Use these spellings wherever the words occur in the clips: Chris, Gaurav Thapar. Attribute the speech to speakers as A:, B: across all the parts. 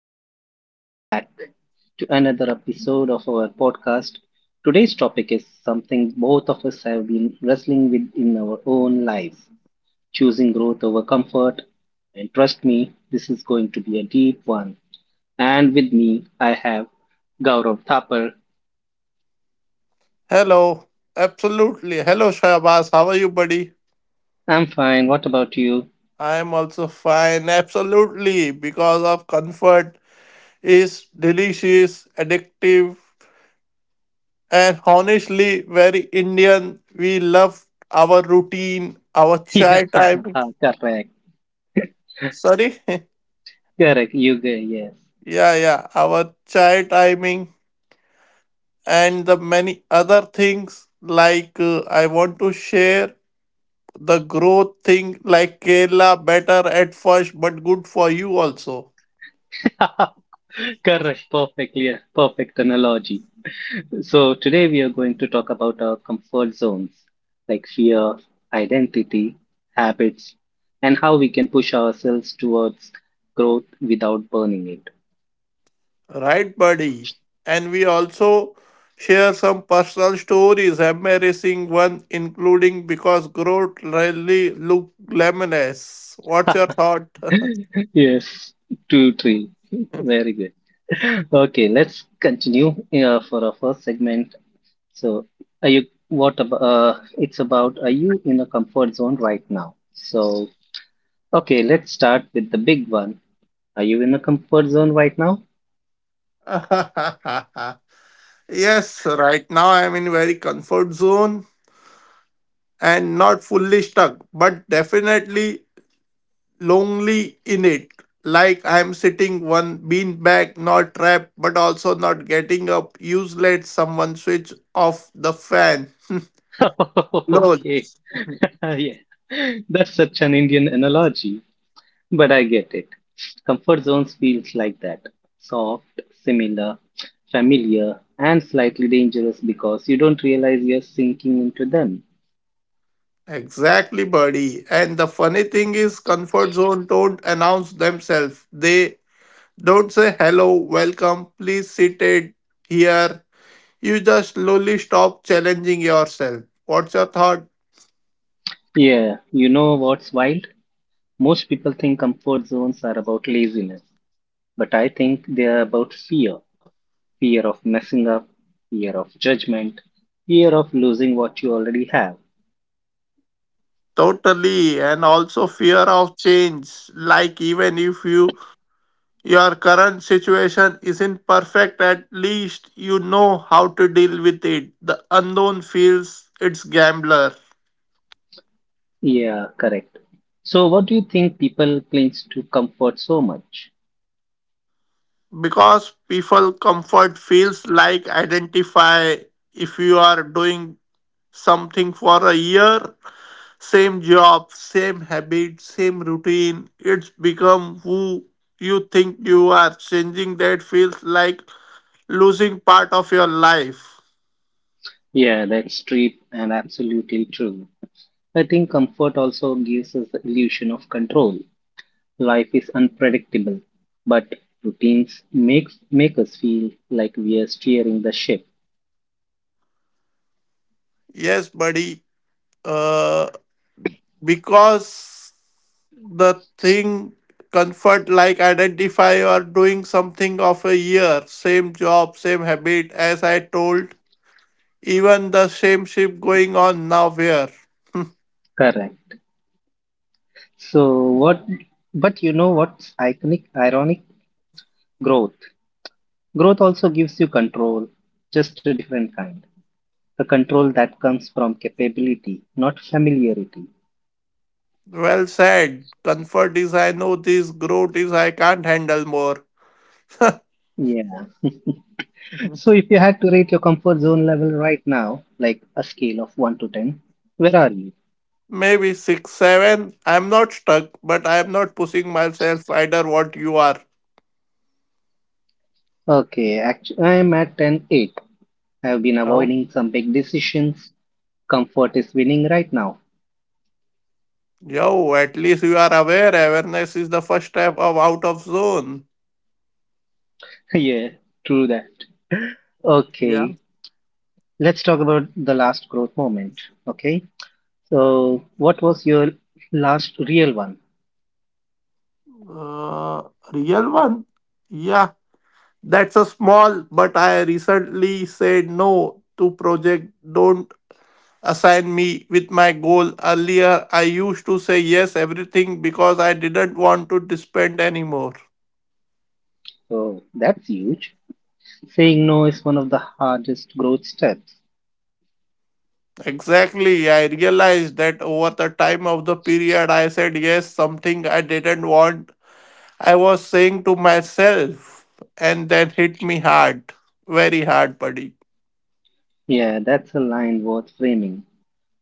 A: everyone. Welcome back to another episode of our podcast. Today's topic is something both of us have been wrestling with in our own lives: choosing growth over comfort. And trust me, this is going to be a deep one. And with me, I have Gaurav Thapar.
B: Hello. Absolutely. Hello, Shahbaz. How are you, buddy?
A: I'm fine. What about you?
B: I am also fine. Absolutely. Because of comfort is delicious, addictive, and honestly very Indian. We love our routine, our
A: Yeah,
B: chai time.
A: correct.
B: Sorry?
A: Correct. Yes.
B: Yeah, yeah. Our chai timing and the many other things like I want to share the growth thing like Kerala better at first but good for you also.
A: Correct. Perfect. Yes. Perfect analogy. So today we are going to talk about our comfort zones, like fear, identity, habits, and how we can push ourselves towards growth without burning
B: Right, buddy. And we also share some personal stories, embarrassing one, including because growth rarely look glamorous. What's your
A: it.
B: thought?
A: Yes, two, three. Very good. Okay, let's continue for our first segment. So, are you what about it's about are you in a comfort zone right now? So, okay, let's start with the big one. Are you in a comfort zone right now?
B: Yes, right now I'm in very comfort zone and not fully stuck, but definitely lonely in it. Like I'm sitting one bean bag, not trapped, but also not getting up. Use someone switch off the fan. Lol.
A: Okay. Yeah, that's such an Indian analogy, but I get it. Comfort zones feels like that. Soft, similar, familiar, and slightly dangerous because you don't realize you're sinking into them.
B: Exactly, buddy. And the funny thing is, comfort zone don't announce themselves. They don't say hello, welcome, please sit it here. You just slowly stop challenging yourself. What's your thought?
A: Yeah, you know what's wild? Most people think comfort zones are about laziness, but I think they're about fear. Fear of messing up, fear of judgment, fear of losing what you already have.
B: Totally, and also fear of change. Like even if you your current situation isn't perfect, at least you know how to deal with it. The unknown feels it's gambler.
A: Yeah, correct. So, what do you think people clings to comfort so much?
B: Because people comfort feels like identify if you are doing something for a year, same job, same habit, same routine, it's become who you think you are. Changing that feels like losing part of your life.
A: Yeah, that's true and absolutely true. I think comfort also gives us the illusion of control. Life is unpredictable, but routines make us feel like we are steering the ship.
B: Yes buddy, uh because the thing comfort like identify you are doing something of a year, same job, same habit, as I told. Even the same ship going on now where?
A: Correct. So what, but you know what's ironic? Growth. Growth also gives you control, just a different kind. The control that comes from capability, not familiarity.
B: Well said. Comfort is I know this, growth is I can't handle more.
A: Yeah. So if you had to rate your comfort zone level right now, like a scale of 1 to 10, where are you?
B: Maybe six, seven. I'm not stuck, but I'm not pushing myself either what you are.
A: Okay, actually, I'm at 10, 8. I've been
B: Oh,
A: avoiding some big decisions. Comfort is winning right now.
B: yo, at least you are aware. Awareness is the first step of out of zone.
A: Yeah, true that.
B: Yeah.
A: Okay, let's talk about the last growth moment. Okay, so what was your last real one?
B: Uh, real one? Yeah, that's a small, but I recently said no to project. Don't assigned me with my goal. Earlier, I used to say yes everything because I didn't want to depend anymore.
A: Oh, that's huge. Saying no is one of the hardest growth steps.
B: Exactly, I realized that over the time of the period I said yes something I didn't want. I was saying to myself and that hit me hard, very hard buddy.
A: Yeah, that's a line worth framing.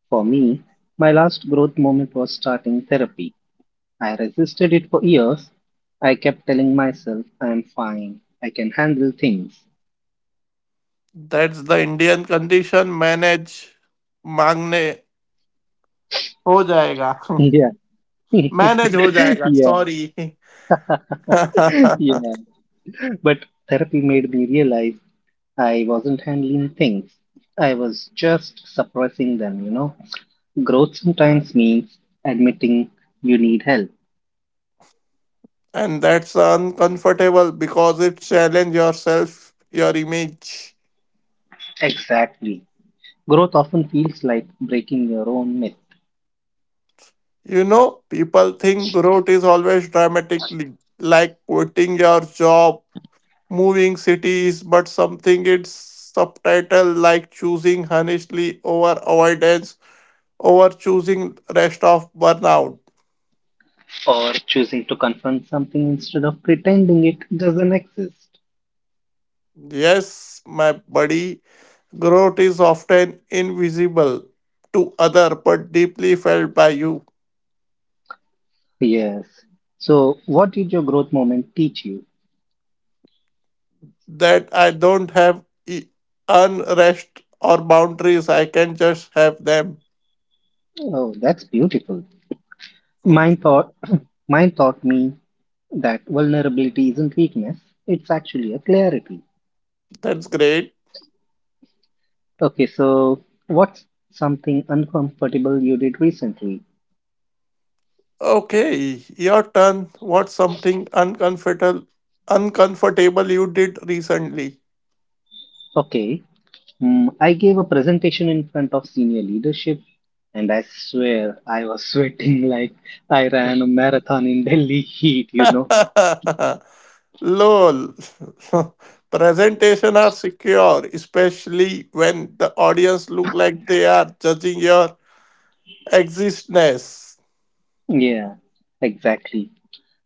A: For me, my last growth moment was starting therapy. I resisted it for years. I kept telling myself I am fine. I can handle things.
B: That's the Indian condition manage मांगने हो जाएगा
A: Yeah.
B: Manage हो जाएगा
A: Yeah.
B: Sorry
A: Yeah. But therapy made me realize I wasn't handling things. I was just suppressing them, you know. Growth sometimes means admitting you need help.
B: and that's uncomfortable because it challenges yourself, your image.
A: Exactly. Growth often feels like breaking your own myth.
B: You know, people think growth is always dramatically, like quitting your job, moving cities, but something it's subtitle like choosing honestly over avoidance, over choosing rest of burnout.
A: Or choosing to confront something instead of pretending it doesn't exist.
B: Yes, my buddy, growth is often invisible to other but deeply felt by you.
A: Yes. So, what did your growth moment teach you?
B: That I don't have unrest or boundaries. I can just have them.
A: Oh, that's beautiful.
B: Mm.
A: Mine thought, Mine taught me that vulnerability isn't weakness, it's actually a clarity.
B: That's great.
A: Okay, so what's something uncomfortable you did recently?
B: Okay, your turn. What's something uncomfortable you did recently?
A: Okay. I gave a presentation in front of senior leadership, and I swear I was sweating like I ran a marathon in Delhi heat, you know.
B: Lol. Presentation are secure, especially when the audience look like they are judging your existence.
A: Yeah, exactly.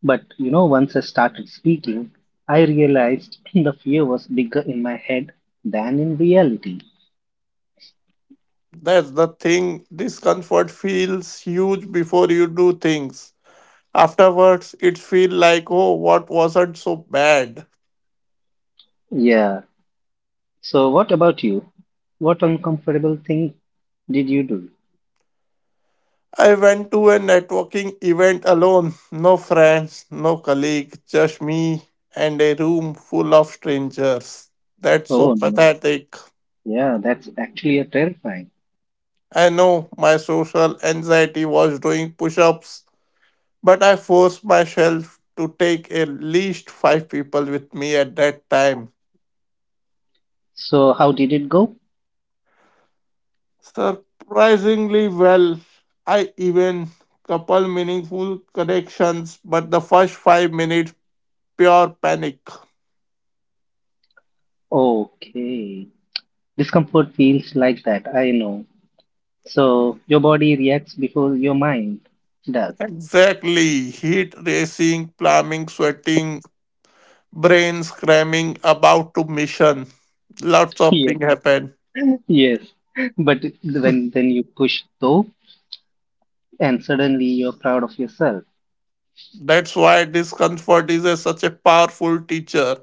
A: But once I started speaking, I realized the fear was bigger in my head than in reality.
B: That's the thing. Discomfort feels huge before you do things. Afterwards, it feels like, oh, what wasn't so bad.
A: Yeah. So, what about you? What uncomfortable thing did you do?
B: I went to a networking event alone. No friends, no colleague, just me and a room full of strangers. That's so
A: Oh, no.
B: pathetic.
A: Yeah, that's actually a terrifying.
B: I know my social anxiety was doing push ups, but I forced myself to take at least five people with me at that time.
A: So, how did it go?
B: Surprisingly well. I even couple meaningful connections, but the first 5 minutes pure panic.
A: Okay. Discomfort feels like that, I know. So your body reacts before your mind does.
B: Exactly. Heat racing, plumbing, sweating, brain screaming about to mission. Lots of
A: Yeah,
B: things happen.
A: yes. But when then you push though, and suddenly you're proud of yourself.
B: That's why discomfort is a, such a powerful teacher.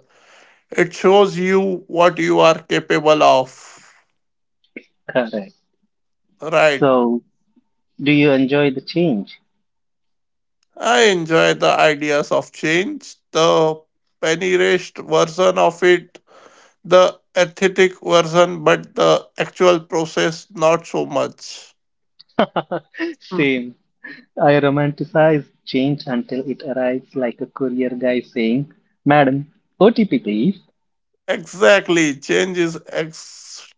B: It shows you what you are capable of.
A: Correct.
B: Right.
A: So do you enjoy the change?
B: I enjoy the ideas of change, the penny raised version of it, the aesthetic version, but the actual process not so much. Hmm.
A: Same. I romanticize change until it arrives like a courier guy saying, Madam, OTP please.
B: Exactly, change is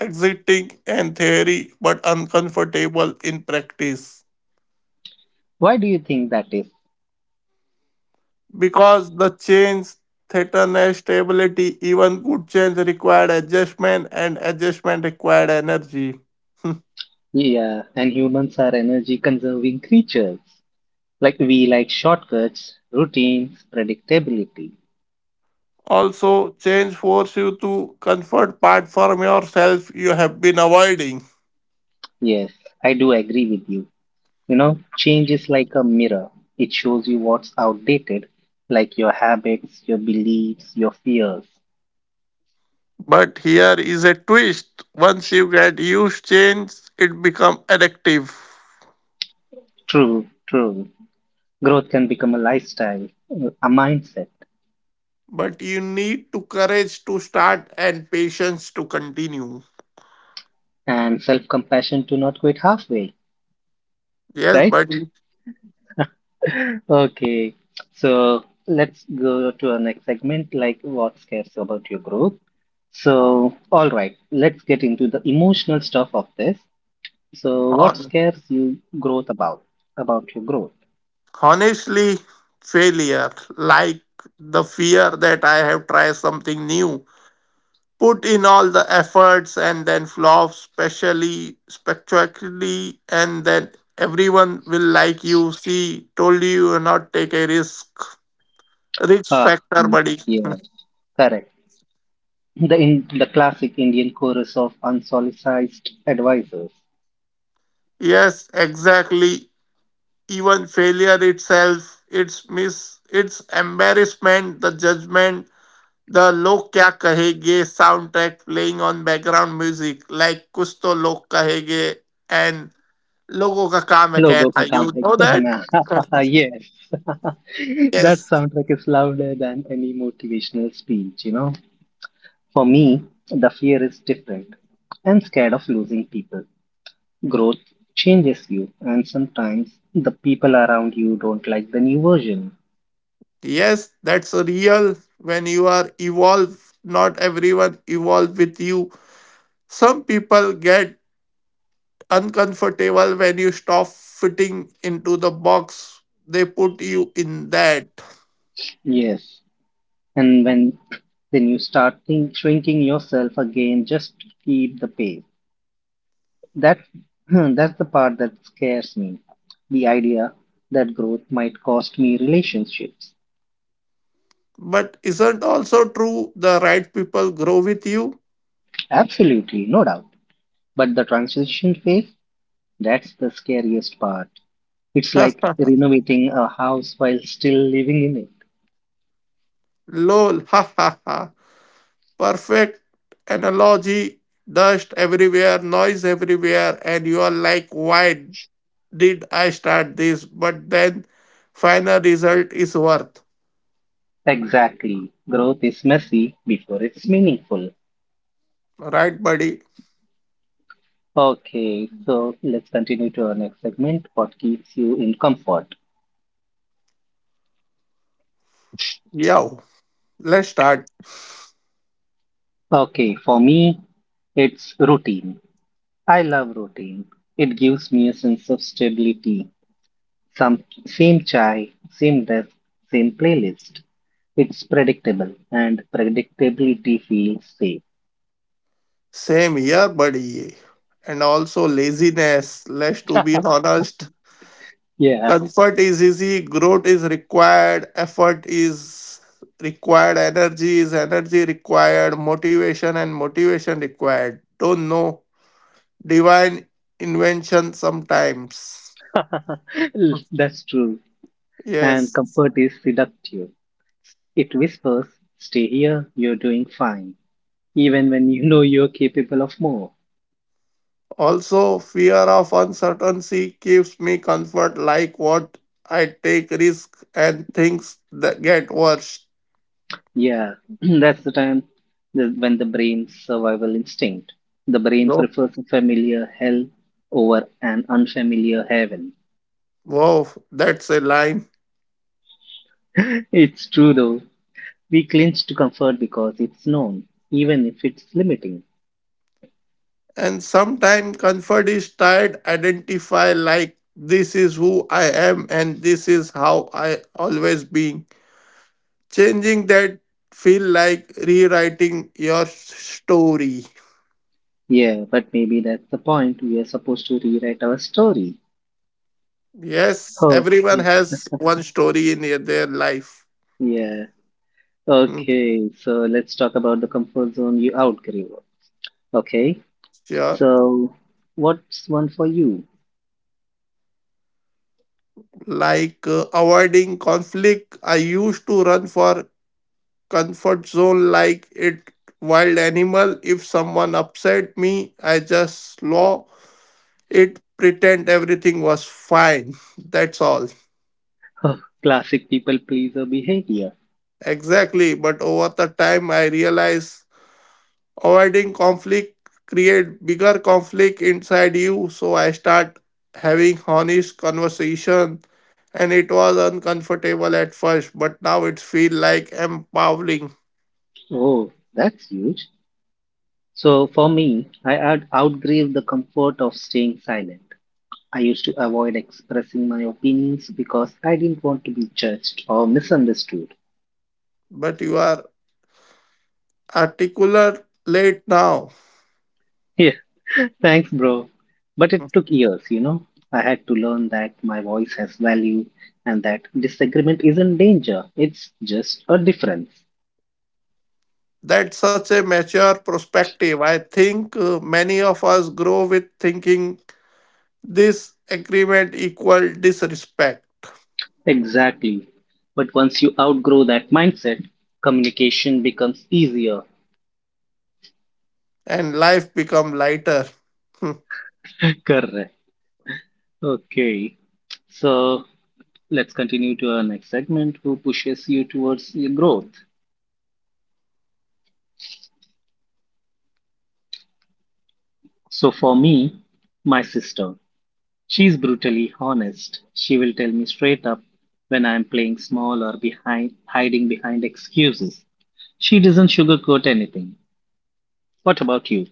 B: exciting in theory but uncomfortable in practice.
A: Why do you think that is?
B: Because the change threatens stability. Even good change required adjustment, and adjustment required energy.
A: Yeah, and humans are energy conserving creatures. Like we like shortcuts, routines, predictability.
B: Also, change forces you to comfort part from yourself you have been avoiding.
A: Yes, I do agree with you. Change is like a mirror. It shows you what's outdated, like your habits, your beliefs, your fears.
B: But here is a twist. Once you get used change, it becomes addictive.
A: True, true. Growth can become a lifestyle, a mindset,
B: But you need to courage to start and patience to continue.
A: and self compassion to not quit halfway,
B: Yes,
A: right?
B: but
A: Okay, so let's go to our next segment, like what scares about your growth. So, all right, let's get into the emotional stuff of this. So, what
B: hon-
A: scares you growth about your growth?
B: honestly, failure like the fear that I have tried something new, put in all the efforts and then flop specially spectacularly, and then everyone will like you see told you you not take a risk, risk
A: Ah,
B: factor
A: mm,
B: buddy.
A: yeah, correct. The in the classic Indian chorus of unsolicited advisors.
B: Yes exactly, even failure itself its miss its embarrassment, the judgment, the log kya kahenge soundtrack playing on background music like kuch to log kahenge, and logo ka kaam hai
A: लोगों का
B: kehna,
A: काम
B: you
A: है
B: know that.
A: कहना yes that
B: Yes.
A: soundtrack is louder than any motivational speech. For me, the fear is different. I'm scared of losing people. Growth changes you, and sometimes the people around you don't like the new version.
B: Yes, that's real. When you are evolve, not everyone evolve with you. Some people get uncomfortable when you stop fitting into the box they put you in that.
A: Yes, and when then you start shrinking yourself again just to keep the pace. That that's the part that scares me. The idea that growth might cost me relationships.
B: But isn't also true the right people grow with you?
A: Absolutely, no doubt. But the transition phase, that's the scariest part. It's like renovating a house while still living in it.
B: Lol, ha ha ha. Perfect analogy. Dust everywhere, noise everywhere, and you are like, why did I start this? But then final result is worth.
A: Exactly. Growth is messy before it's meaningful.
B: Right, buddy?
A: Okay, so let's continue to our next segment. What keeps you in comfort?
B: Yeah. Let's start.
A: Okay, for me, it's routine. I love routine. It gives me a sense of stability. Some same chai, same desk, same playlist. It's predictable, and predictability feels safe.
B: Same here, buddy. And also laziness. Let's to be honest.
A: Yeah,
B: Comfort is easy, growth is required, effort is required, energy is energy required, motivation and motivation required. Don't know. Divine invention sometimes.
A: that's true. And
B: Yes.
A: comfort is seductive. It whispers, Stay here, you're doing fine, even when you know you're capable of more.
B: Also, fear of uncertainty gives me comfort like what I take risk and things that get worse.
A: Yeah, that's the time when the brain's survival instinct. The brain
B: No.
A: prefers a familiar hell over an unfamiliar heaven.
B: Wow, that's a line.
A: It's true though. We clinch to comfort because it's known, even if it's limiting.
B: And sometimes comfort is tied identify like this is who I am and this is how I always being. Changing that feel like rewriting your story.
A: Yeah, but maybe that's the point. We are supposed to rewrite our story.
B: Yes, everyone
A: Okay.
B: has one story in their life.
A: Yeah.
B: Hmm.
A: Okay, so let's talk about the comfort zone you outgrew. Okay,
B: Sure.
A: so what's one for you?
B: Like avoiding conflict, I used to run for comfort zone like it wild animal. If someone upset me I just slow it pretend everything was fine. That's all.
A: Huh. Classic people pleaser behavior.
B: Exactly, but over the time I realized avoiding conflict create bigger conflict inside you, so I start having honest conversation and it was uncomfortable at first, but now it feel like empowering.
A: Oh, that's huge. So for me, I outgrew the comfort of staying silent. I used to avoid expressing my opinions because I didn't want to be judged or misunderstood.
B: But you are articulate now.
A: Yeah, thanks, bro. But it took years. I had to learn that my voice has value and that disagreement isn't danger, it's just a difference.
B: That's such a mature perspective. I think many of us grow with thinking this agreement equal disrespect.
A: Exactly. But once you outgrow that mindset, communication becomes easier.
B: And life become lighter. Hmm.
A: Correct. Okay. So let's continue to our next segment, who pushes you towards your growth. So for me, my sister. She's brutally honest. She will tell me straight up when I'm playing small or behind hiding behind excuses. She doesn't sugarcoat anything. What about you?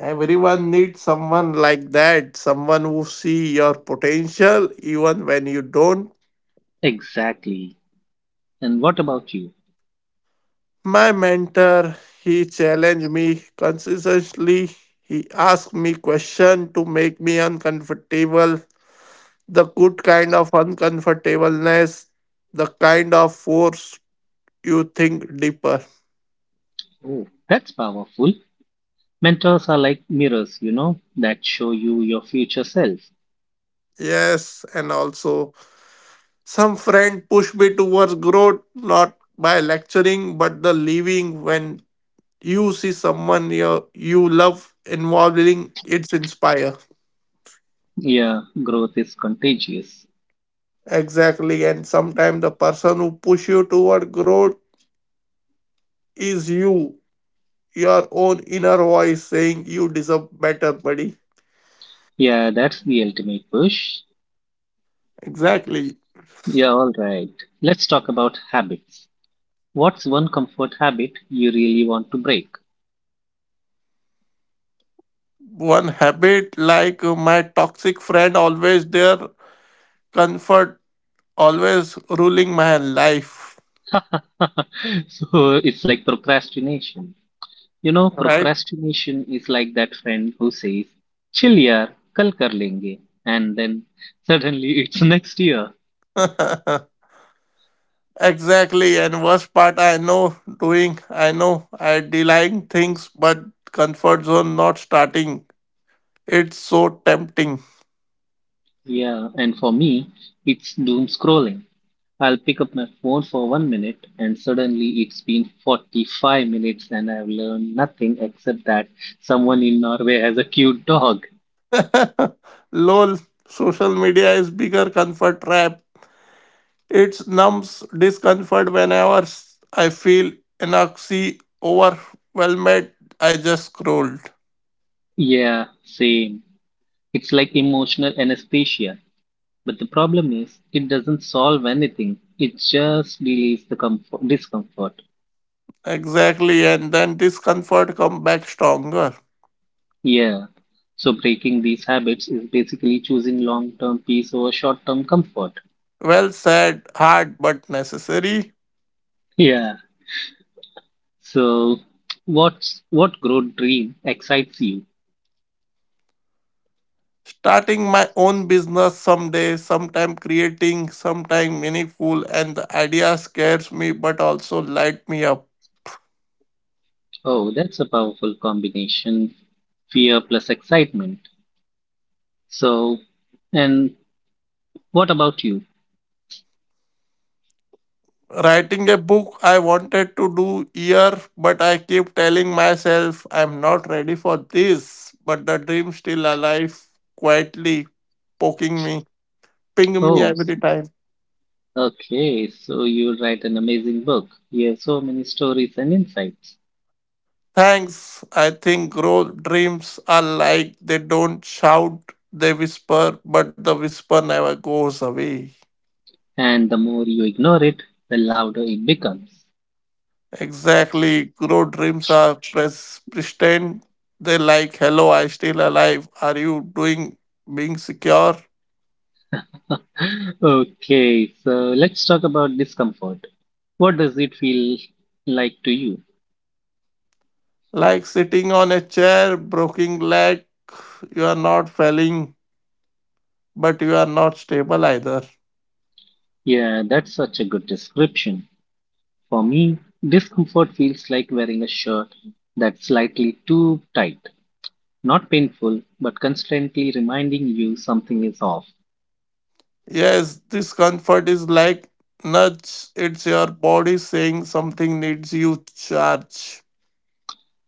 B: Everyone needs someone like that, someone who see your potential even when you don't.
A: Exactly. And what about you?
B: My mentor, he challenged me consistently. He asked me question to make me uncomfortable, the good kind of uncomfortableness, the kind of force you think deeper.
A: Oh, that's powerful. Mentors are like mirrors that show you your future self.
B: Yes, and also some friend push me towards growth, not by lecturing, but the living. When you see someone you, you love involving, it's inspire.
A: Yeah, growth is contagious.
B: Exactly, and sometimes the person who push you toward growth is you, your own inner voice saying you deserve better, buddy.
A: Yeah, that's the ultimate push.
B: Exactly.
A: Yeah, all right. Let's talk about habits. What's one comfort habit you really want to break?
B: One habit like my toxic friend always their comfort always ruling my life.
A: So it's like procrastination.
B: Right.
A: Procrastination is like that friend who says, chill yaar, kal kar lenge, and then suddenly it's next year.
B: Exactly, and worst part I know doing, I know I delaying things, but comfort zone not starting, it's so tempting.
A: Yeah, and for me, it's doom scrolling. I'll pick up my phone for 1 minute, and suddenly it's been 45 minutes, and I've learned nothing except that someone in Norway has a cute dog.
B: Lol. Social media is bigger comfort trap. It numbs discomfort whenever I feel enoxy overwhelmed, I just scrolled.
A: Yeah, same. It's like emotional anesthesia. But the problem is, it doesn't solve anything. It just delays the discomfort.
B: Exactly, and then discomfort come back stronger.
A: Yeah. So breaking these habits is basically choosing long-term peace over short-term comfort.
B: Well said, hard but necessary.
A: Yeah. So what growth dream excites you?
B: Starting my own business someday, sometime creating, sometime meaningful, and the idea scares me but also light me up.
A: Oh, that's a powerful combination. Fear plus excitement. So, and what about you?
B: Writing a book I wanted to do year, but I keep telling myself I'm not ready for this. But the dream still alive, quietly poking me, ping me
A: Oh.
B: every time.
A: Okay. So you write an amazing book. You have so many stories and insights.
B: Thanks. I think growth dreams are like they don't shout, they whisper, but the whisper never goes away.
A: And the more you ignore it, the louder it becomes.
B: Exactly. Growth dreams are pretend. They like, hello, I still alive. Are you doing being secure?
A: Okay, so let's talk about discomfort. What does it feel like to you?
B: Like sitting on a chair, broken leg. You are not failing, but you are not stable either.
A: Yeah, that's such a good description. For me, discomfort feels like wearing a shirt that's slightly too tight. Not painful, but constantly reminding you something is off.
B: Yes, this comfort is like nudge. It's your body saying something needs you charge.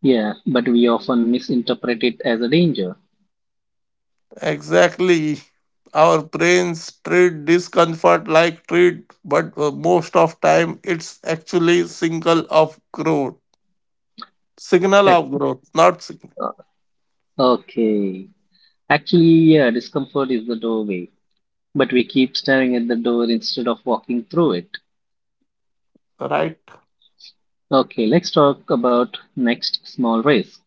A: Yeah, but we often misinterpret it as a danger.
B: Exactly. Our brains treat discomfort like treat, but most of time it's actually signal of growth. Signal
A: Ex-
B: of growth, not signal.
A: uh, Okay. Actually, yeah, discomfort is the doorway. But we keep staring at the door instead of walking through it.
B: Right?
A: Okay, let's talk about next small risk.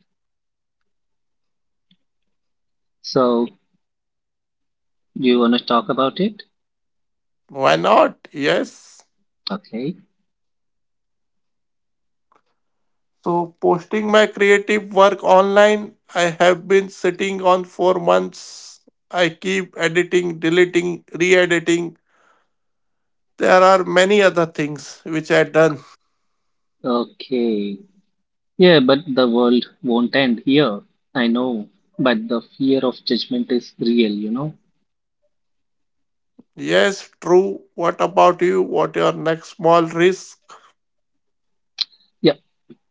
A: So, do you want to talk about it?
B: Why not? Yes.
A: Okay.
B: So posting my creative work online, I have been sitting on for months. I keep editing, deleting, re-editing. There are many other things which I done.
A: Okay. Yeah, but the world won't end here. I know, but the fear of judgment is real, you know?
B: Yes, true. What about you? What your next small risk?
A: Yeah,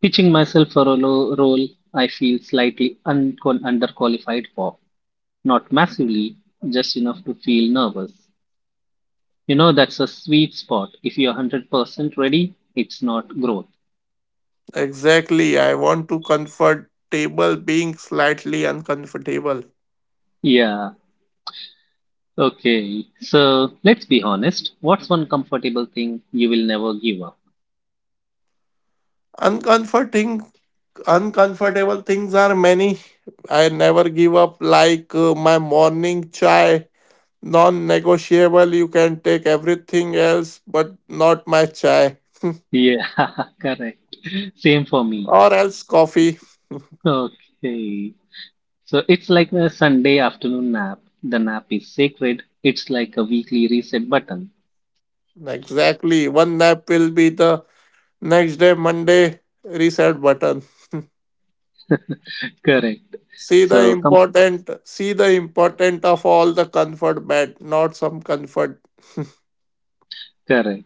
A: pitching myself for a role I feel slightly underqualified for. Not massively, just enough to feel nervous. That's a sweet spot. If you're 100% ready, it's not growth.
B: Exactly. I want to comfortable being slightly uncomfortable.
A: Yeah. Okay. So let's be honest. What's one comfortable thing you will never give up?
B: Uncomforting, uncomfortable things are many. I never give up. Like my morning chai, non-negotiable. You can take everything else, but not my chai,
A: Yeah, correct. Same for
B: or
A: me.
B: else coffee.
A: Okay. So it's like a Sunday afternoon nap. The nap is sacred. It's like a weekly reset button.
B: Exactly. One nap will be the next day, Monday, reset button.
A: Correct. So
B: See the important of all the comfort bed, not some comfort.
A: correct.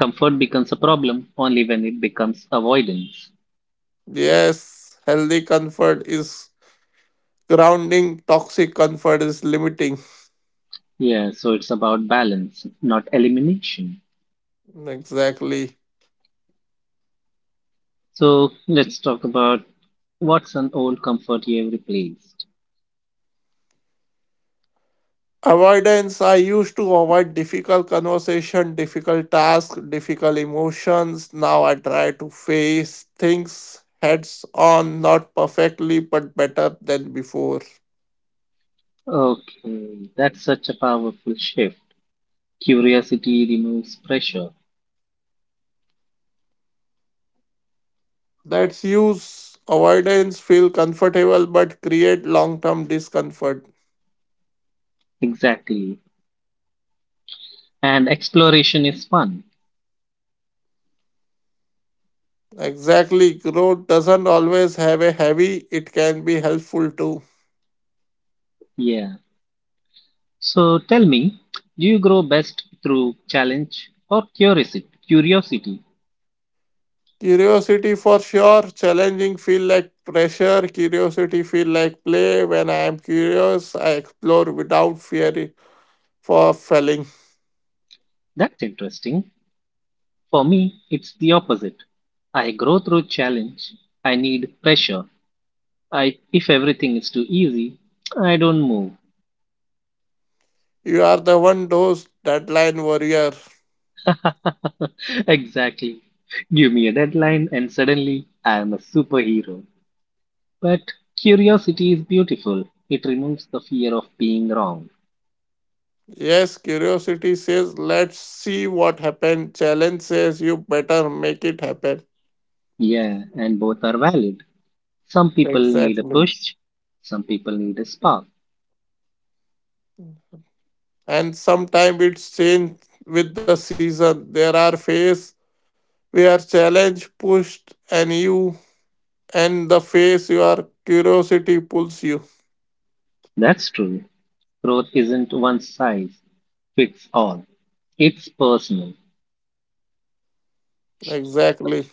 A: Comfort becomes a problem only when it becomes avoidance.
B: Yes, healthy comfort is grounding, toxic comfort is limiting.
A: Yeah, so it's about balance, not elimination.
B: Exactly.
A: So let's talk about what's an old comfort you have replaced.
B: Avoidance. I used to avoid difficult conversation, difficult task, difficult emotions. Now I try to face things heads on, not perfectly, but better than before.
A: Okay, that's such a powerful shift. Curiosity removes pressure.
B: That's use avoidance feel comfortable but create long term discomfort.
A: Exactly. And exploration is fun.
B: Exactly, growth doesn't always have a heavy, it can be helpful too.
A: Yeah. So tell me, do you grow best through challenge or curiosity? Curiosity.
B: Curiosity for sure, challenging feel like pressure, curiosity feel like play. When I am curious, I explore without fear for failing.
A: That's interesting. For me, it's the opposite. I grow through challenge. I need pressure. I if everything is too easy, I don't move.
B: You are the one those deadline warrior.
A: Exactly. Give me a deadline, and suddenly I am a superhero. But curiosity is beautiful. It removes the fear of being wrong.
B: Yes, curiosity says let's see what happened. Challenge says you better make it happen.
A: Yeah, and both are valid. Some people need a
B: Exactly.
A: push, some people need a spark.
B: And sometimes it's changed with the season. There are phase where challenge pushed and you and the phase your curiosity pulls you.
A: That's true. Growth isn't one size fits all, it's personal.
B: Exactly.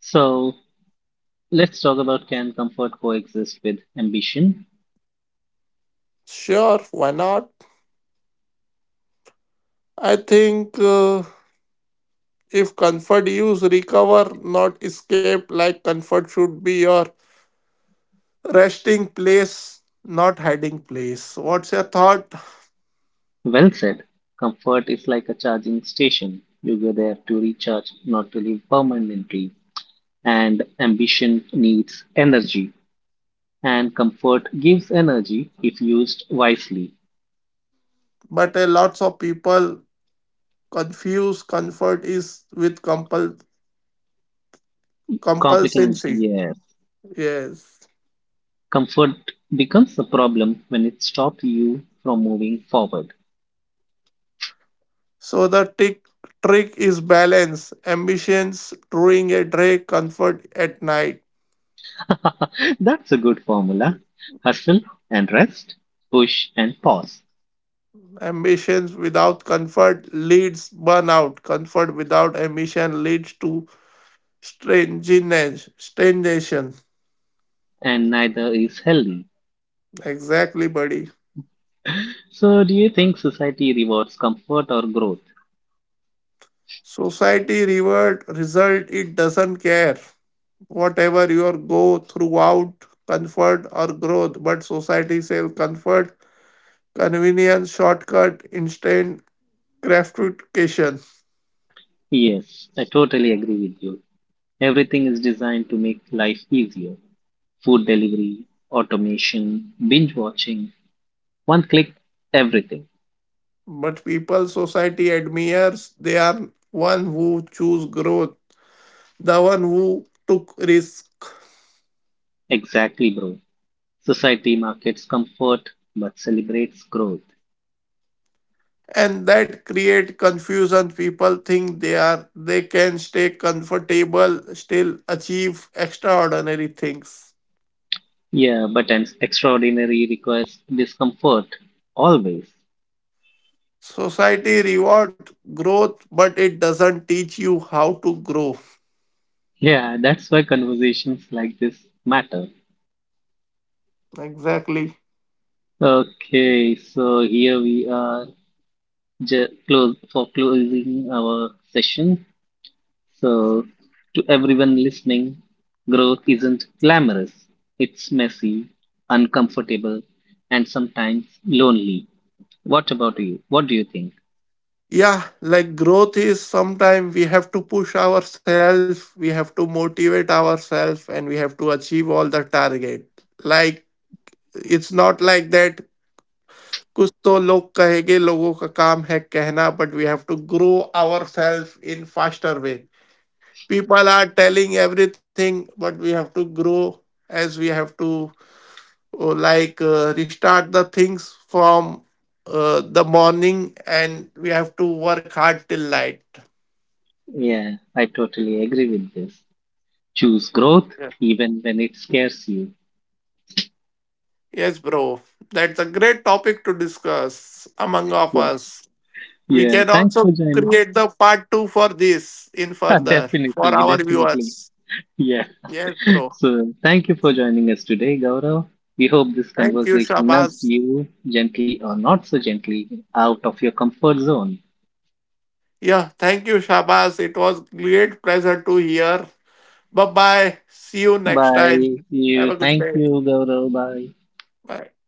A: So let's talk about, can comfort coexist with ambition?
B: Sure, why not? I think if comfort use recover, not escape, like comfort should be your resting place, not hiding place. What's your thought?
A: Well said. Comfort is like a charging station. You go there to recharge, not to live permanently. And ambition needs energy. And comfort gives energy if used wisely.
B: But lots of people confuse comfort is with compulsion.
A: Complications,
B: Compulsency.
A: yes.
B: Yes.
A: Comfort becomes a problem when it stops you from moving forward.
B: So the tick trick is balance. Ambitions during a day, comfort at night.
A: That's a good formula. Hustle and rest, push and pause.
B: Ambitions without comfort leads burnout. Comfort without ambition leads to strangeness, stagnation.
A: And neither is healthy.
B: Exactly, buddy.
A: So, do you think society rewards comfort or growth?
B: Society reward result, it doesn't care. Whatever your go throughout comfort or growth, but society self comfort, convenience, shortcut, instant gratification.
A: Yes, I totally agree with you. Everything is designed to make life easier. Food delivery, automation, binge watching, one click, everything.
B: But people society admires they are one who choose growth, the one who took risk.
A: Exactly, bro. Society markets comfort but celebrates growth.
B: And that create confusion. People think they are they can stay comfortable, still achieve extraordinary things.
A: Yeah, but an extraordinary requires discomfort. Always.
B: Society reward growth, but it doesn't teach you how to grow.
A: Yeah, that's why conversations like this matter.
B: Exactly.
A: Okay, so here we are close for closing our session. So, to everyone listening, growth isn't glamorous. It's messy, uncomfortable, and sometimes lonely. What about you? What do you think?
B: Yeah, like growth is sometimes we have to push ourselves, we have to motivate ourselves, and we have to achieve all the target. Like it's not like that. कुछ तो लोग कहेंगे, लोगों का काम है कहना, but we have to grow our self in faster way. People are telling everything, but we have to grow, as we have to, like, restart the things from the morning, and we have to work hard till night.
A: Yeah, I totally agree with this. Choose growth even when it scares you.
B: Yes, bro. That's a great topic to discuss among of
A: Yeah.
B: us. We
A: Yeah.
B: can
A: Thanks
B: also
A: for joining
B: create the part two for this in
A: us.
B: further for
A: Definitely,
B: our
A: definitely.
B: viewers.
A: Yeah.
B: Yes, bro.
A: So thank you for joining us today, Gaurav. We hope this
B: Thank you,
A: conversation nudged
B: Shabaz.
A: you gently or not so gently out of your comfort zone.
B: Yeah, thank you, Shabaz. It was great pleasure to hear. Bye bye. See you next time.
A: Bye. You.
B: Have a good
A: Thank
B: day.
A: you, Gaurav. Bye.
B: Bye.